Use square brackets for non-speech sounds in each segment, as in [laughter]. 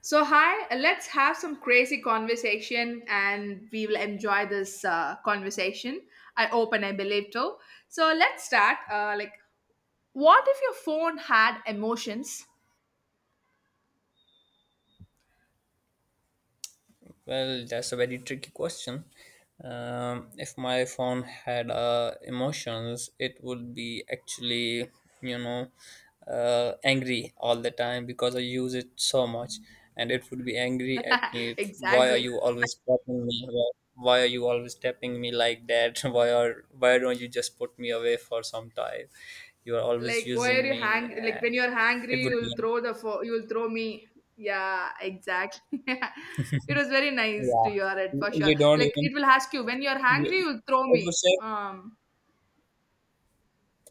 So, hi, let's have some crazy conversation and we will enjoy this conversation. I hope and I believe too. So, let's start. What if your phone had emotions? Well, that's a very tricky question. If my phone had emotions, it would be actually, you know, angry all the time because I use it so much, and it would be angry at [laughs] me. Why are Exactly. you always tapping me? Why are you always tapping me like that? [laughs] Why don't you just put me away for some time? You are always Like, where using you me, hang, like, when and you're it hungry, would you'll be throw the phone, you'll throw me. Yeah, exactly. [laughs] It was very nice yeah. to hear it You for sure. you don't Like, even. it will ask you, when you're You, hungry, it you'll throw would me. say.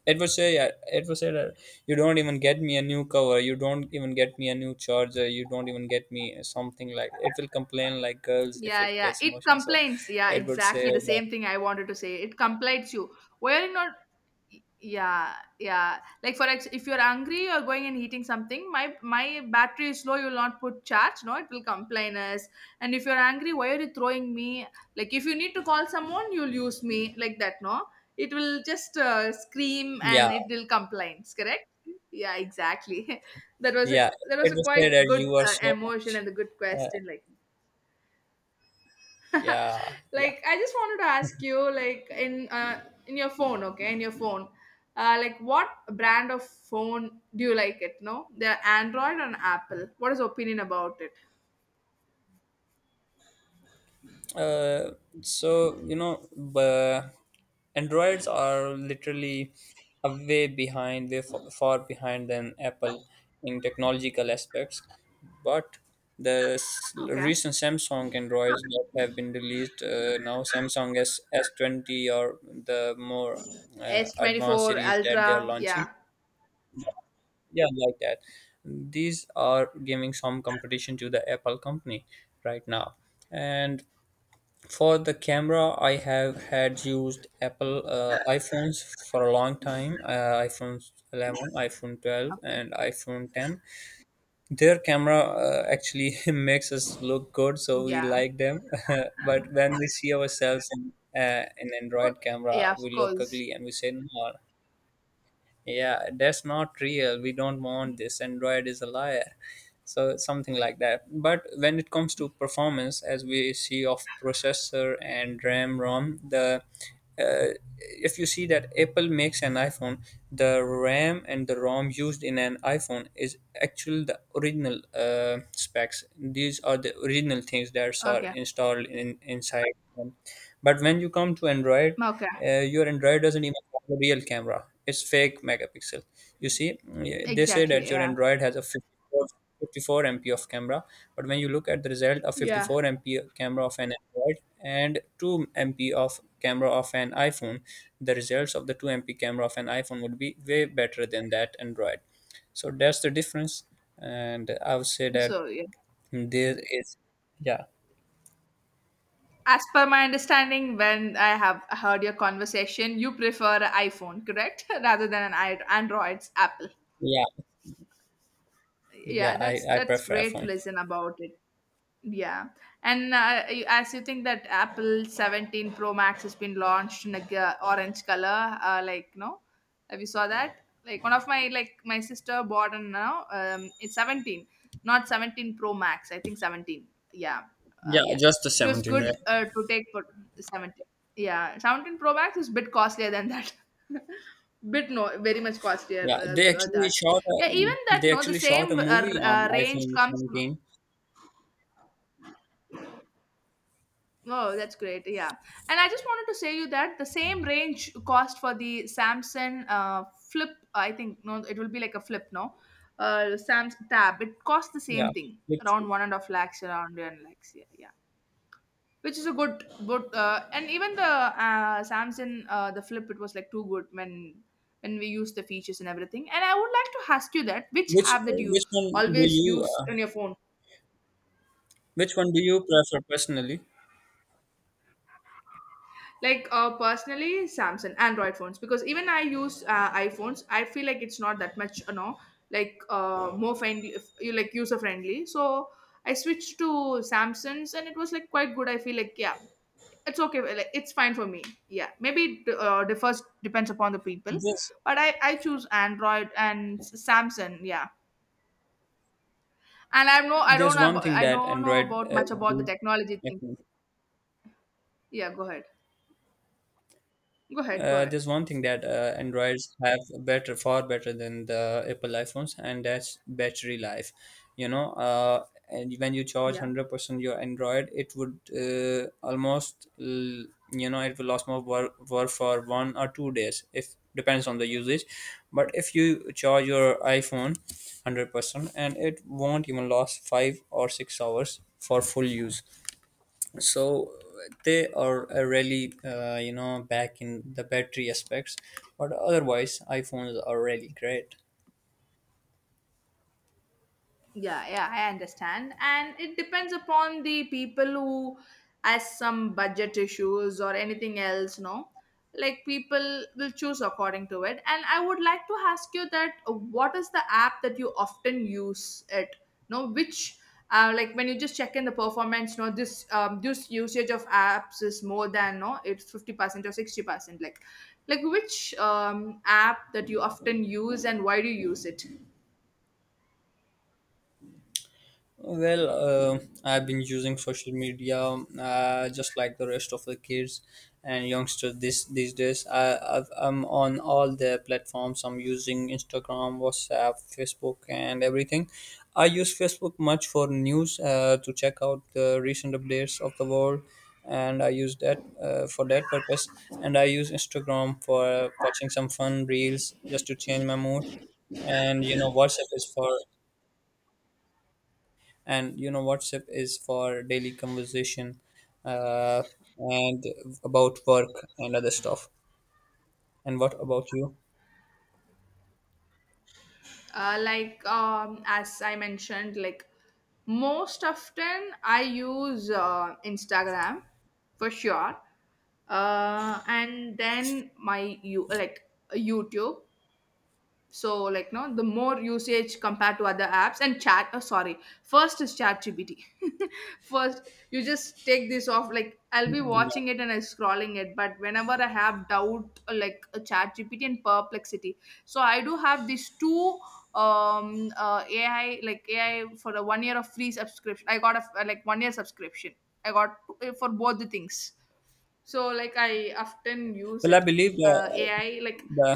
It was say yeah, it was said that you don't even get me a new cover, you don't even get me a new charger, you don't even get me something. Like it will complain like girls if Yeah, it yeah. gets It emotion. So complains. Yeah, it would say exactly the that, same thing I wanted to say. It complains you. Why are you not? Yeah, yeah. Like for ex, if you're hungry, you're going and eating something. My battery is low. You'll not put charge. No, it will complain us. And if you're angry, why are you throwing me? Like if you need to call someone, you'll use me like that. No, it will just scream yeah, and it will complain. Correct? Yeah, exactly. [laughs] That was a yeah, it would say quite that good you are so emotion much, and a good uh, question. Like. [laughs] yeah, yeah. Like I just wanted to ask you, like, in your phone, okay, in your phone, like what brand of phone do you like it, no, they're Android and Apple, what is your opinion about it? uh, so, you know, b- Androids are literally a way behind, way far behind than Apple in technological aspects. But the Okay. recent Samsung Androids that have been released, now Samsung s s20 or the more advanced S24 series that they are Ultra. launching, Yeah. yeah, like that, these are giving some competition to the Apple company right now. And for the camera, I have had used Apple iPhones for a long time. iPhone 11, iPhone 12, Okay. and iPhone 10. Their camera actually [laughs] makes us look good, so we Yeah. like them. [laughs] But when we see ourselves in an Good. Android Yeah, camera, of we look course. ugly and we say, "No, yeah, that's not real, we don't want this. Android is a liar." So something like that. But when it comes to performance, as we see, of processor and RAM, ROM, the uh, if you see that Apple makes an iPhone, the RAM and the ROM used in an iPhone is actually the original specs. These are the original things that are Okay. installed in inside them. But when you come to Android, Okay. Your Android doesn't even have a real camera. It's fake megapixel, you see. Yeah, they say Exactly, that your yeah. Android has a 54, mp of camera, but when you look at the result, a Yeah, 54 mp camera of an Android and 2 mp of camera of an iPhone, the results of the 2 mp camera of an iPhone would be way better than that Android. So that's the difference. And I would say that so yeah. there is yeah As per my understanding, when I have heard your conversation, you prefer a iPhone, correct, [laughs] rather than an I- Android's Apple. yeah Yeah, yeah i that's i prefer great to iPhone. listen about it. Yeah, and you- as you think that Apple 17 Pro Max has been launched in a g- orange color, like no, have you saw that? Like one of my like my sister bought, and now it's 17, not 17 Pro Max. I think 17. Yeah, Yeah, yeah. just the It was 17, right? good to take for 17. Yeah, 17 Pro Max is bit costlier than that. [laughs] Bit no, very much costlier Yeah, they actually that shot yeah a, even that they no the actually shot a same movie on range iPhone comes. 17. Oh, that's great. Yeah. And I just wanted to say you that the same range cost for the Samsung flip, I think, no, it will be like a flip, no? Samsung tab, it costs the Yeah, same thing, which around one and a half lakhs, around one lakhs. Yeah, yeah. Which is a good, good, and even the Samsung, the flip, it was like too good when we use the features and everything. And I would like to ask you that which which app that you which one do always you use on your phone? which one do you prefer personally? Like, personally Samsung Android phones, because even I use iPhones, I feel like it's not that much, you know, like, more friendly, you like user friendly, so I switched to Samsung's, and it was like quite good, I feel like. Yeah, it's okay. Well, like it's fine for me. Yeah, maybe it differs, depends upon the people. There's But I choose Android and Samsung. Yeah. And I know, I don't there's know one about, thing I that don't know Android about much about the do- technology thing. Yeah, go ahead. go ahead go uh, ahead there's one thing that Androids have better, far better than the Apple iPhones, and that's battery life. You know, and when you charge Yeah. 100% your Android, it would almost, you know, it will last more work for 1 or 2 days. If depends on the usage, but if you charge your iPhone 100%, and it won't even last 5 or 6 hours for full use. So they are really, you know, back in the battery aspects, but otherwise iPhones are really great. Yeah, yeah, I understand. And it depends upon the people who has some budget issues or anything else, no? Like people will choose according to it. And I would like to ask you that, what is the app that you often use it? No, which, like when you just check in the performance, no, this this usage of apps is more than, no, it's 50% or 60%. Like which app that you often use and why do you use it? Well, uh, I've been using social media just like the rest of the kids and youngsters this these days. I'm on all the platforms. I'm using Instagram, WhatsApp, Facebook, and everything. I use Facebook much for news to check out the recent updates of the world, and I use that for that purpose. And I use Instagram for watching some fun reels just to change my mood. And you know, WhatsApp is for daily conversation uh, and about work and other stuff. And what about you? Uh, like as I mentioned, like most often I use Instagram for sure. Uh, and then my you like YouTube. So, like, no, the more usage compared to other apps and chat, oh, sorry, first is chat gpt [laughs] First, you just take this off, like I'll be Yeah. watching it and I'm scrolling it, but whenever I have doubt, like a chat gpt and Perplexity. So I do have these two AI, for a 1 year of free subscription. I got a f- like 1 year subscription I got for both the things, so like I often use Well, I it. believe Ai like the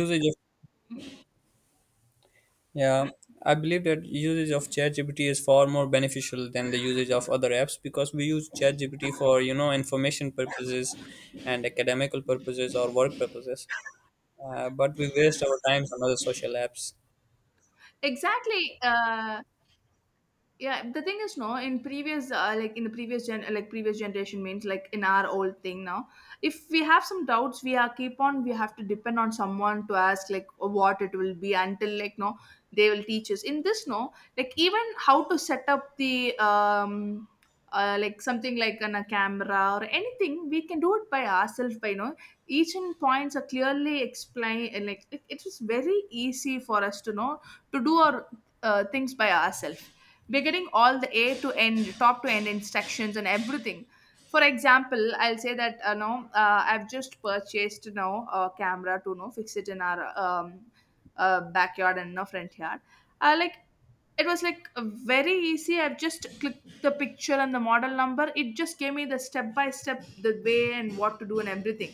usage of yeah, I believe that usage of ChatGPT is far more beneficial than the usage of other apps, because we use ChatGPT for, you know, information purposes and academical purposes or work purposes, but we waste our time on other social apps. Exactly. Yeah, the thing is, no, in previous, like in the previous gen, like previous generation, means like in our old thing now, if we have some doubts, we are keep on, we have to depend on someone to ask like what it will be, until like, no, they will teach us in this, no, like even how to set up the like something like on a camera or anything, we can do it by ourselves by, you know, each and points are clearly explained, and like it was very easy for us to know to do our things by ourselves. We're getting all the A to end, top to end instructions and everything. For example, I'll say that, no, I've just purchased, you know, a camera to, you know, fix it in our backyard and no front yard. Like it was like very easy. I've just clicked the picture and the model number. It just gave me the step by step, the way and what to do and everything.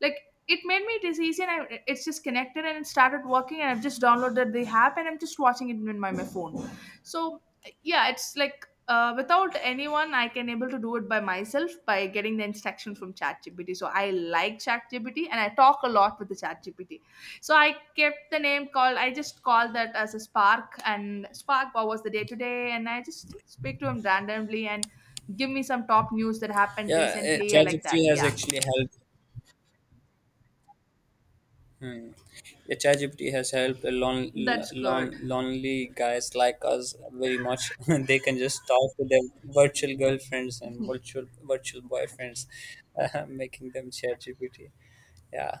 Like it made me it is easy, and I, it's just connected and it started working, and I've just downloaded the app and I'm just watching it in my phone. So yeah, it's like without anyone I can able to do it by myself by getting the instruction from ChatGPT. So I like ChatGPT, and I talk a lot with the ChatGPT. So I kept the name called, I just called that as a Spark, and Spark what was the day today, and I just speak to him randomly and give me some top news that happened Yeah, recently or like that. ChatGPT has Yeah. actually helped. Hmm. Yeah, ChatGPT has helped That's good. Lonely guys like us very much. [laughs] They can just talk to their virtual girlfriends and virtual boyfriends, [laughs] making them ChatGPT. Yeah,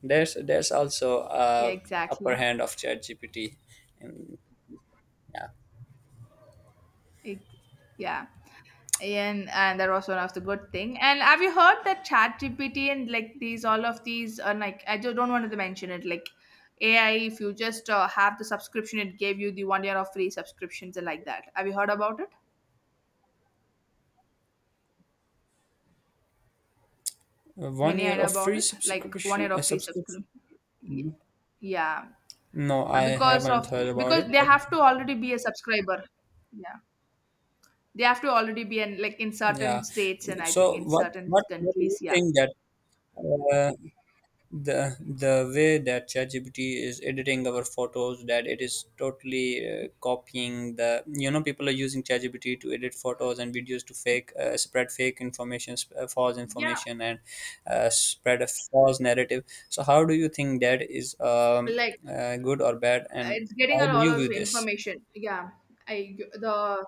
there's also Yeah, uh, upper exactly. hand of ChatGPT, and yeah, Ex- yeah, and that was one of the good thing. And have you heard that chat gpt and like these all of these are like, I just don't want to mention it, like AI, if you just have the subscription, it gave you the 1 year of free subscriptions and like that. Have you heard about it, one any year idea of about free it, like one subscription. year of free Subscription. subscription? Yeah, No, I because haven't of, heard about because it. they But have to already be a subscriber. Yeah, they have to already be in like in certain yeah, states, and I think so in what certain what what do you countries. Yeah. think that uh, the way that ChatGPT is editing our photos, that it is totally copying the, you know, people are using ChatGPT to edit photos and videos to fake spread fake information, false Yeah, information, and spread a false narrative. So how do you think that is like good or bad, and it's getting a how do lot you of view this? information. Yeah. I the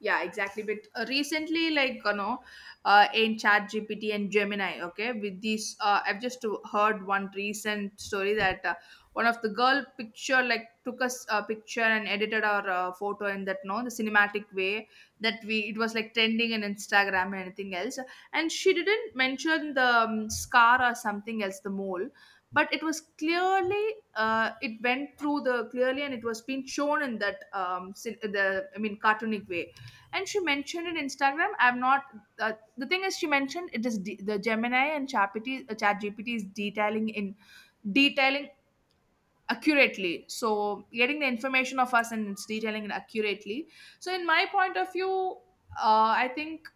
yeah exactly, but recently, like, you know, in chat gpt and Gemini, okay, with these, I've just heard one recent story that, one of the girl picture, like took us a picture and edited our photo in that no the cinematic way, that we it was like trending in Instagram and anything else. And she didn't mention the scar or something else the mole, but it was clearly it went through the clearly and it was being shown in that cin- the I mean cartoonic way. And she mentioned in Instagram, I'm not, uh, the thing is she mentioned it is D, the Gemini and ChatGPT, chat gpt is detailing in detailing accurately so getting the information of us and it's detailing it accurately. So in my point of view, I think,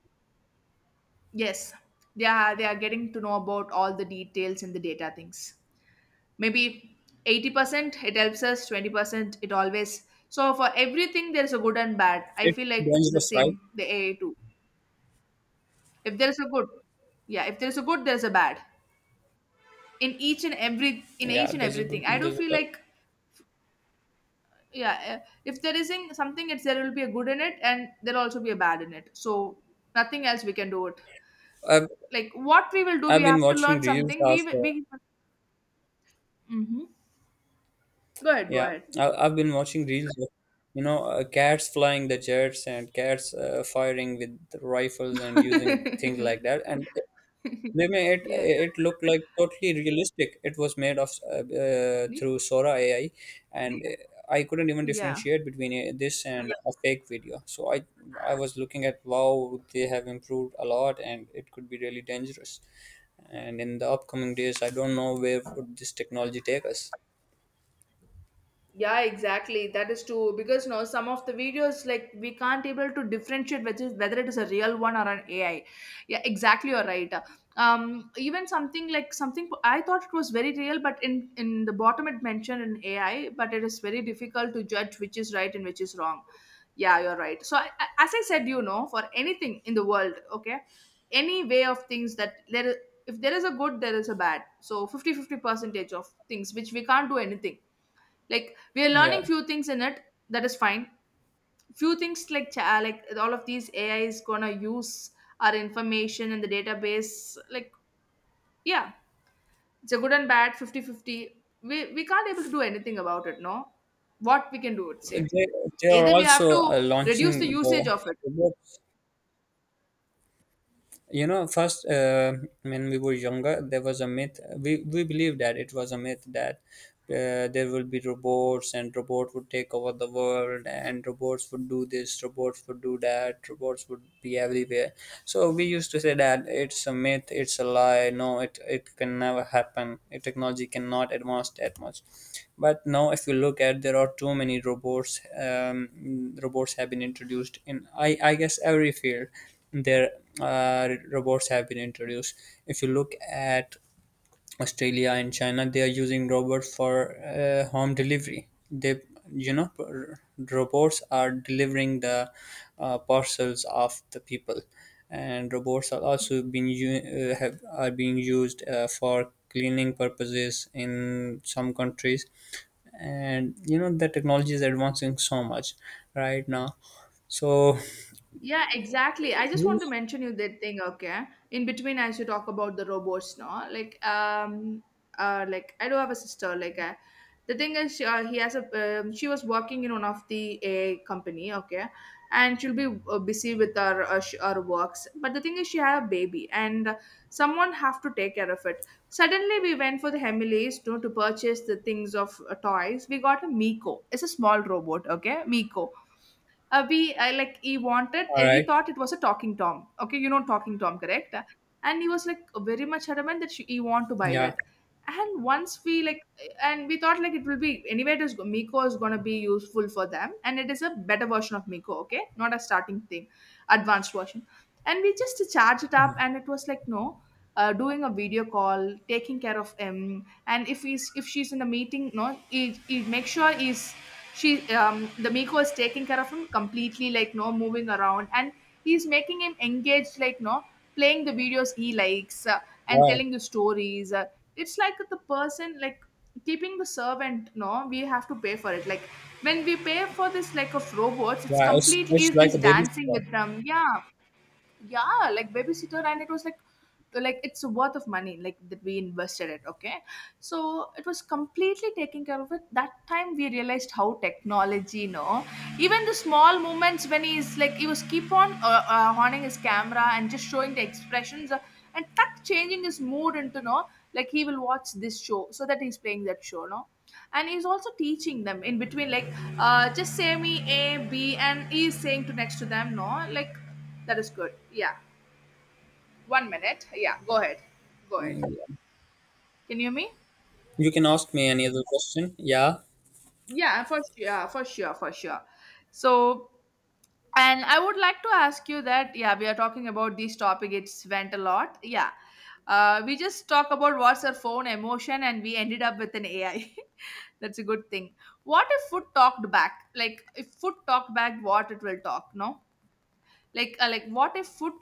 yes, they are getting to know about all the details and the data things, maybe 80% it helps us, 20% it always, so for everything there's a good and bad, I It's feel like the dangerous, right? same the AI too. If there is a good, yeah, if there is a good, there is a bad in each and every, in Yeah, each and there's a good. everything. I do There's feel a, like, yeah, if there is in something, it's there will be a good in it, and there'll also be a bad in it. So nothing else we can do it. I've Like what we will do, we I've have been to learn watching reels something. of. We will- we. Hmm. Go ahead. Go Yeah, ahead. I've been watching reels of, you know, cats flying the jets and cats firing with rifles and using things like that. And [laughs] they made it, Yeah. it looked like totally realistic. It was made of through Sora AI, and I couldn't even Yeah. differentiate between this and a fake video. So I was looking at wow, they have improved a lot, and it could be really dangerous. And in the upcoming days, I don't know where would this technology take us. Yeah, exactly, that is true because no, some of the videos like we can't able to differentiate which is whether it is a real one or an AI. Yeah, exactly, you're right. Even something, like, something I thought it was very real, but in the bottom it mentioned an AI, but it is very difficult to judge which is right and which is wrong. Yeah, you're right. So as I said, you know, for anything in the world, okay, any way of things that there is, if there is a good, there is a bad. So fifty-fifty percentage of things which we can't do anything, like we are learning Yeah. few things in it. That is fine. Few things, like like all of these AI is gonna use our information in the database, like, yeah, it's a good and bad, 50-50. We can't able to do anything about it, no. What we can do, it say they, they are either we have also to reduce launching the the usage of it. robots. You know, first, when we were younger, there was a myth. We believed that it was a myth that there will be robots and robot would take over the world, and robots would do this, robots would do that, robots would be everywhere. So we used to say that it's a myth, it's a lie. No, it can never happen. Technology cannot advance that much. But now, if you look at, there are too many robots. Robots have been introduced in I guess every field. There, robots have been introduced. If you look at Australia and China, they are using robots for home delivery. They, you know, robots are delivering the parcels of the people, and robots are also being have are being used for cleaning purposes in some countries. And you know, the technology is advancing so much right now. So, Yeah, exactly. I just want to mention you that thing. Okay, in between, as you talk about the robots, no, like, like, I do have a sister. Like, the thing is, he has a. She was working in one of the a company. Okay, and she'll be busy with her her works. But the thing is, she had a baby, and someone have to take care of it. Suddenly, we went for the Hemileys, you know, to purchase the things of toys. We got a Miko. It's a small robot. Okay, Miko, we I like, he wanted, all he right, thought it was a Talking Tom. Okay, you know Talking Tom, correct? And he was like very much adamant that he want to buy yeah. that. And once we like, and we thought like it will be anyway. It is Miko is gonna be useful for them, and it is a better version of Miko. Okay, not a starting thing, advanced version. And we just charge it up, Mm-hmm. and it was like, no, doing a video call, taking care of him, and if he's if she's in a meeting, no, he make sure he's she the Miko is taking care of him completely, like, no, moving around, and he's making him engaged, like, no, playing the videos he likes, and Wow, telling the stories. It's like the person, like, keeping the servant, no, we have to pay for it, like, when we pay for this, like, of robots, it's yeah, complete, it's is like is a dancing babysitter. with them, yeah. Yeah, like babysitter, and it was like, it's worth of money like that we invested it. Okay, so it was completely taking care of it. That time we realized how technology, you know, even the small moments when he's like, he was keep on honing his camera and just showing the expressions. And tuck changing his mood into, no, like, he will watch this show, so that he's playing that show, no. And he's also teaching them in between, like, just say me a b and he's saying to next to them, no, like, that is good. Yeah. One minute. Yeah. Go ahead. Go ahead. Can you hear me? You can ask me any other question. Yeah, Yeah, for sure, for sure, for sure. So, and I would like to ask you that, yeah, we are talking about this topic, it's went a lot. Yeah. We just talk about what's our phone emotion and we ended up with an AI. [laughs] That's a good thing. What if food talked back? Like, if food talked back, what it will talk, no? Like, like, what if food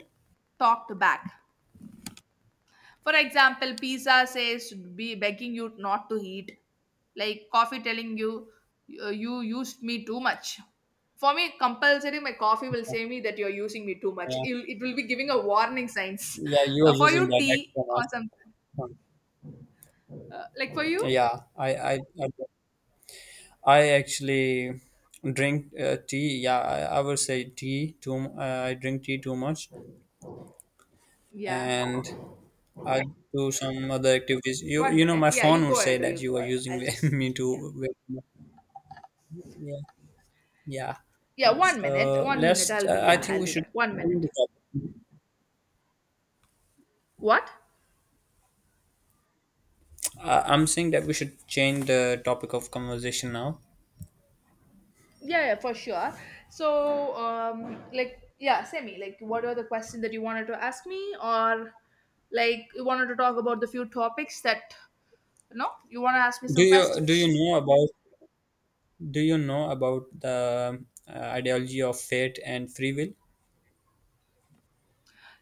talked back? For example, pizza says be begging you not to eat, like coffee telling you, you used me too much. For me, compulsory, my coffee will say me that you're using me too much. yeah, It will be giving a warning signs." yeah. [laughs] You are for using you, that tea extra or much. something. Like for you, Yeah, I actually drink tea. Yeah, I would say tea too. I drink tea too much, yeah. and I do some other activities. You, One you know, minute. my Yeah, you phone would go say ahead. Or that you you go are ahead. using I'll [laughs] just me yeah. too. Very much. Yeah, yeah. Yeah, one minute. So One minute. let's. I'll be I yeah. think I'll we be should back. One change minute. the topic. What? I'm saying that we should change the topic of conversation now. Yeah, yeah, for sure. So, like, yeah, Semi, like, what were the questions that you wanted to ask me, or like you wanted to talk about the few topics that, you know, you want to ask me Do some you do questions? you know about the ideology of fate and free will?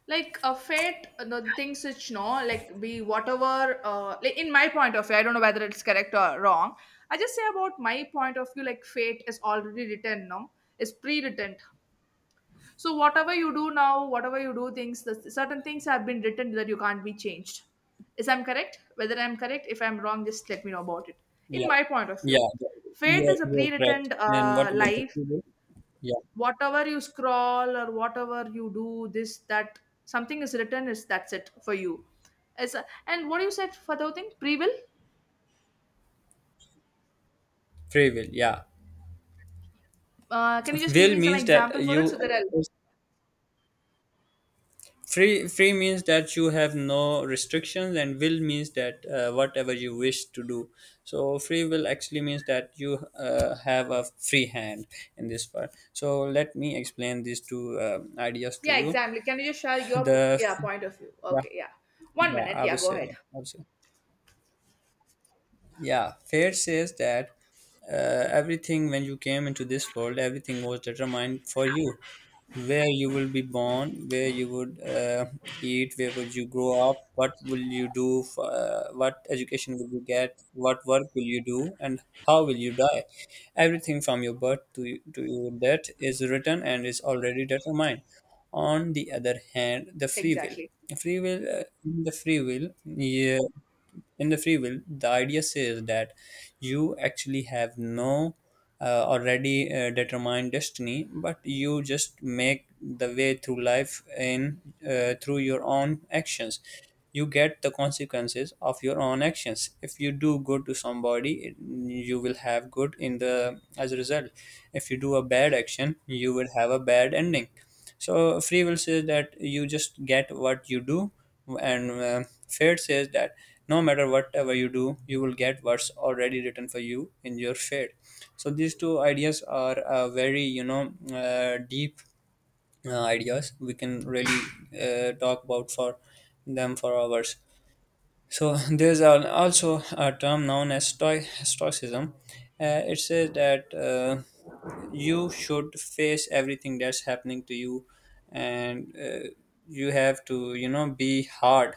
Like a fate, the things which, no, like, we whatever, like, in my point of view, I don't know whether it's correct or wrong. I just say about my point of view, like, fate is already written, no, it's pre-written. So whatever you do now, whatever you do, things, the certain things have been written that you can't be changed. Is I'm correct? Whether I'm correct, if I'm wrong, just let me know about it. In Yeah, my point of view, yeah, fate is a you're correct. pre-written And what about the life. free will? Yeah, Whatever you scroll or whatever you do, this that something is written is that's it for you. As a- and what you said for the thing pre will. free will. Yeah, Can you just give will me some means that example for it so you that I'll free means that you have no restrictions, and will means that, whatever you wish to do. So free will actually means that you have a free hand in this part. So let me explain these two ideas to yeah you. exactly. Can you just share [laughs] your The yeah point of view? yeah, Okay, yeah. One yeah, minute yeah go ahead I would say. Yeah, Fair says that everything when you came into this world, everything was determined for you. Where you will be born, where you would eat, where would you grow up, what will you do, what education will you get, what work will you do, and how will you die. Everything from your birth to your death is written and is already determined. On the other hand, the free will. exactly. Yeah, in the free will the idea says that you actually have no already determined destiny, but you just make the way through life in through your own actions. You get the consequences of your own actions. If you do good to somebody, you will have good in the as a result. If you do a bad action, you will have a bad ending. So free will says that you just get what you do. And fate says that no matter whatever you do, you will get what's already written for you in your fate. So these two ideas are very deep ideas. We can really talk about for them for hours. So [laughs] there's also a term known as stoicism. It says that you should face everything that's happening to you. And you have to, be hard.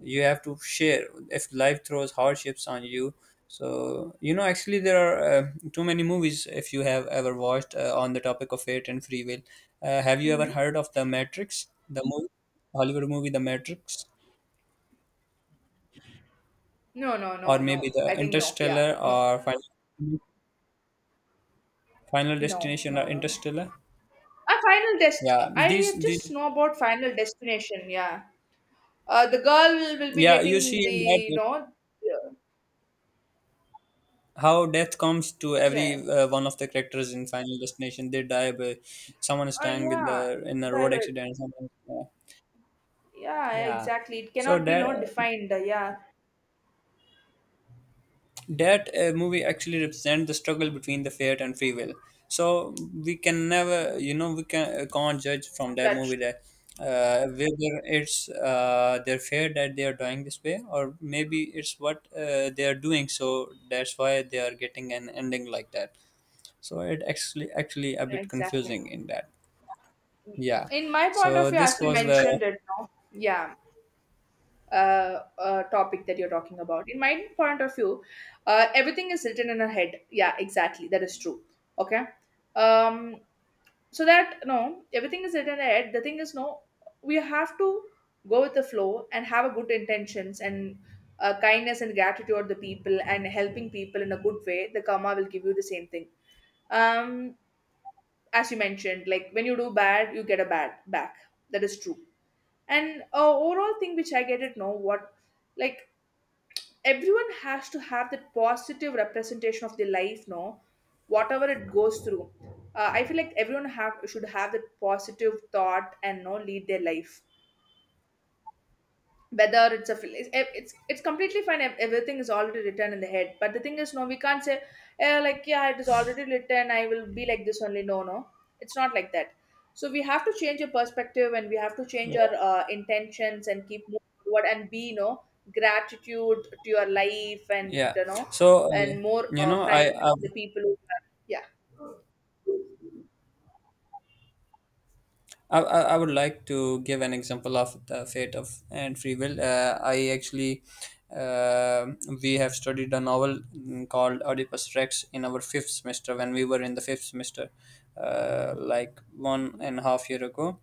You have to share if life throws hardships on you. So actually there are too many movies, if you have ever watched, on the topic of fate and free will. Have you ever heard of the Matrix, the movie? Hollywood movie, the Matrix? No, no, Or no, maybe no. the I think no. Yeah, Interstellar no, or Final no, Destination no, or no, no. Interstellar? A final dest. Yeah, these, I these just know about Final Destination. Yeah. The girl will be Yeah, you getting see the, in that you that know. Yeah. how death comes to every Yeah, good. One of the characters in Final Destination. They die by, someone is dying in Yeah. the in a road Diver. accident, someone, Yeah. yeah. Exactly. It So cannot be, that no, defined. Yeah. that movie actually represents the struggle between the fate and free will. So we can never, No. We can can't judge from that Judge. movie that whether it's their fate that they are dying this way, or maybe it's what they are doing. So that's why they are getting an ending like that. So it actually a bit Exactly. confusing in that. Yeah. In my point of So view, as this you was the mentioned it, no. Yeah. Topic that you're talking about. In my point of view, everything is written in our head. Yeah, exactly. That is true. Okay. Um, so that, no, everything is written in our head. The thing is, no, we have to go with the flow and have a good intentions and kindness and gratitude toward the people and helping people in a good way. The karma will give you the same thing. Um, as you mentioned, like, when you do bad, you get a bad back. That is true. And overall thing which I get it, no, what, like, everyone has to have that positive representation of their life, no, whatever it goes through. I feel like everyone have should have that positive thought and, no, lead their life, whether it's, it's completely fine if everything is already written in the head. But the thing is, no, we can't say, like, yeah, it is already written, I will be like this only, no, no, it's not like that. So we have to change your perspective and we have to change our intentions and keep moving forward and be, you know, gratitude to your life, and yeah. you know, So and more you know I. kindness I to the people who are, yeah. I would like to give an example of the fate of and free will. I actually, uh, we have studied a novel called Oedipus Rex in our fifth semester when we were in the fifth semester, like one Mm-hmm. and a half year ago.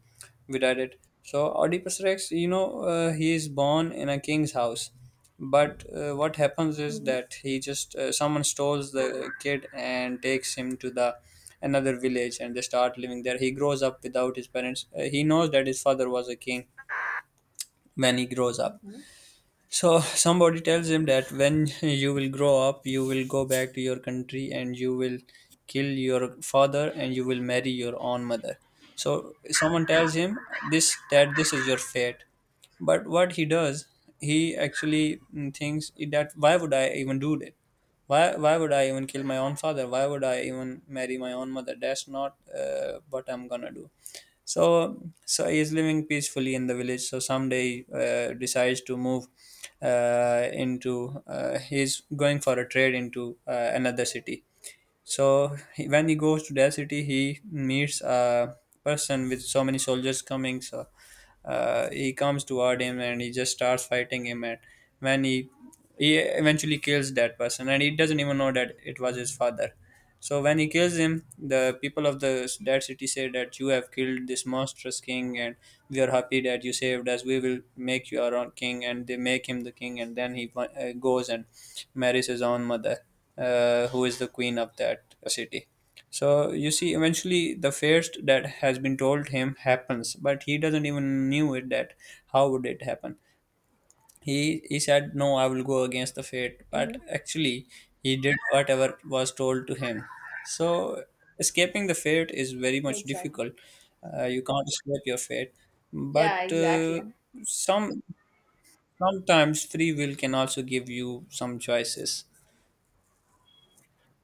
We read it. So Oedipus Rex, he is born in a king's house, but what happens is Mm-hmm. that he just someone stores the kid and takes him to the another village, and they start living there. He grows up without his parents. He knows that his father was a king when he grows up. Mm-hmm. So somebody tells him that when you will grow up, you will go back to your country and you will kill your father and you will marry your own mother. So someone tells him this, that this is your fate. But what he does, he actually thinks that, why would I even do that? Why would I even kill my own father? Why would I even marry my own mother? That's not what I'm gonna do. So he is living peacefully in the village. So someday decides to move, into he's going for a trade into another city. So he, when he goes to that city, he meets a person with so many soldiers coming. So he comes toward him and he just starts fighting him. And when he eventually kills that person, and he doesn't even know that it was his father. So when he kills him, the people of the that city say that you have killed this monstrous king, and we are happy that you saved us. We will make you our own king, and they make him the king. And then he goes and marries his own mother, who is the queen of that city. So you see, eventually the first that has been told him happens, but he doesn't even knew it that how would it happen. He said, "No, I will go against the fate," but Mm-hmm. actually he did whatever was told to him. So escaping the fate is very much Exactly. difficult. You can't escape your fate, Yeah, but exactly. Some sometimes free will can also give you some choices.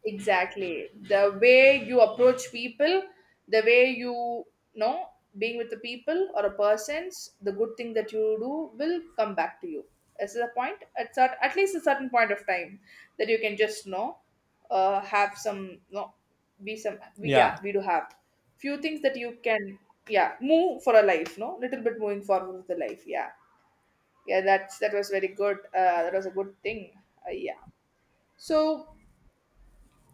Exactly. The way you approach people, the way you know being with the people or a person's, the good thing that you do will come back to you. This is a point at at least a certain point of time that you can just know, have some, no, be some we, yeah, Yeah, we do have few things that you can, yeah, move for a life, no, little bit moving forward with the life, yeah. Yeah, that's that was very good. That was a good thing. Yeah. So,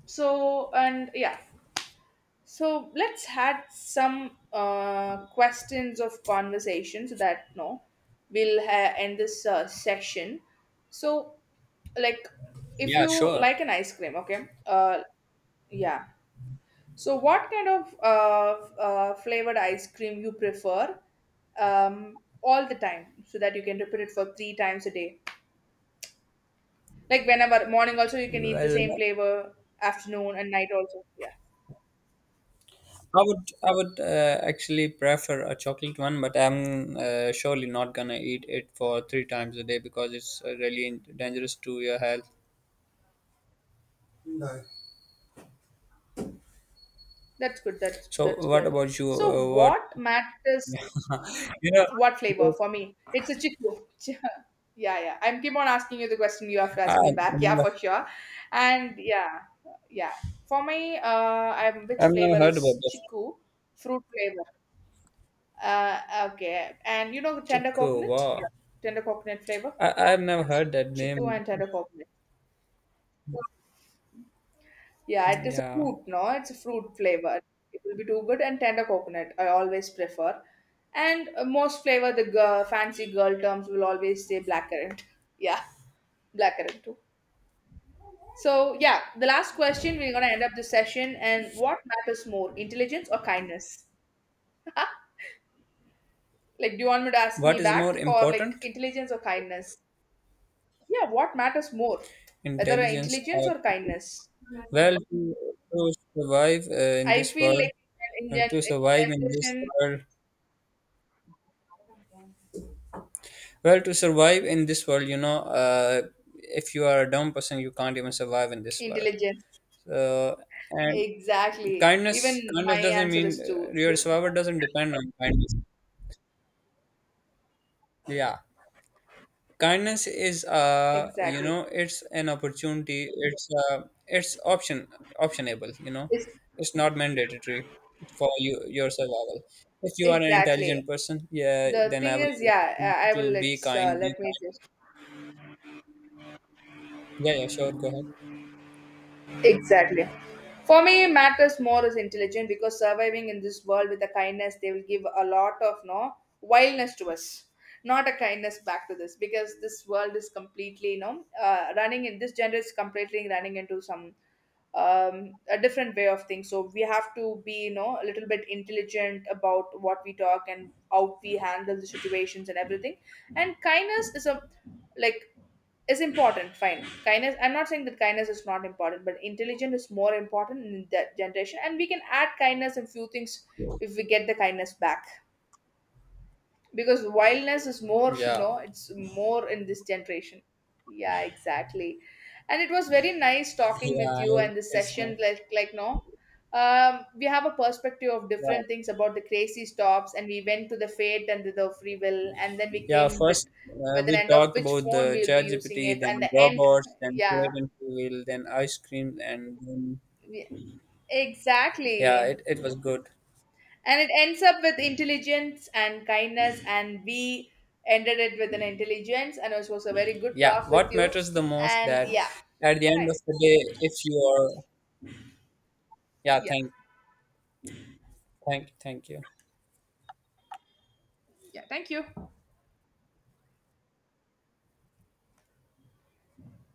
so, and yeah. So let's had some questions of conversation so that, no, end this session. So, like, if yeah, you sure. like an ice cream, okay, yeah. So, what kind of flavored ice cream you prefer all the time, so that you can repeat it for three times a day? Like whenever morning, also you can eat the same Well, flavor. Afternoon and night also. Yeah. I would actually prefer a chocolate one, but I'm surely not gonna eat it for three times a day because it's really dangerous to your health. No. That's good. So, That's what good. about you? So What what matters? [laughs] you know? What flavor for me? It's a chiku. [laughs] Yeah, yeah. I'm keep on asking you the question. You have to I, ask I've me back. [laughs] Yeah, never, for sure. And yeah, yeah. For me, I'm which I've never flavor heard about is this. chiku fruit flavor? Okay. And you know Chico, wow! tender coconut flavor, I I've never heard that chiku name. and tender coconut. Yeah, it is a Yeah. fruit, no? It's a fruit flavor. It will be too good, and tender coconut I always prefer. And most flavor, the girl, fancy girl terms will always say blackcurrant. [laughs] Yeah, blackcurrant too. So yeah, the last question, we're gonna end up the session. And what matters more, intelligence or kindness? [laughs] Like, do you want me to ask me What is back, more or, like, important, intelligence or kindness? Yeah, what matters more, whether intelligence intelligence or— or kindness? Well, to survive in I this feel world, like in, uh, to in survive in this generation world, well, to survive in this world, if you are a dumb person, you can't even survive in this world. intelligence. So, and Exactly. kindness, Even my kindness doesn't answer mean is two. your survival doesn't depend on kindness. Yeah. Kindness is, Exactly. It's an opportunity. It's optionable. You know, It's, it's not mandatory for you, your survival. If you are an exactly. intelligent person, yeah, The then I thing would is, like yeah, to, I will be let's kind. Be let me kind. just Yeah, yeah, sure. Go ahead. exactly. For me, matters more is intelligent because surviving in this world with the kindness they will give a lot of, no, wildness to us, not a kindness back to this, because this world is completely, you know, running in this gender, is completely running into some a different way of things. So we have to be, you know, a little bit intelligent about what we talk and how we handle the situations and everything. And kindness is a, like, is important, fine, kindness, I'm not saying that kindness is not important, but intelligence is more important in that generation, and we can add kindness and few things if we get the kindness back, because wildness is more [laughs] you Yeah, know, it's more in this generation. Yeah, exactly. And it was very nice talking with you, yeah, and the it's my session like, no, we have a perspective of yeah. different things about the crazy stops, and we went to the fate and the free will, and then we Yeah, came with first with an we end of talked which about phone the we'll be using ChatGPT, it, then and the end, robots, then yeah, create and reveal, then ice cream, and then, we- yeah, exactly. it was good. And it ends up with intelligence and kindness, and we ended it with an intelligence, and it was a very good Yeah, talk with what you. matters the most, And that yeah, at the end right. of the day, if you are, yeah, Yeah. thank you. Yeah. Thank you.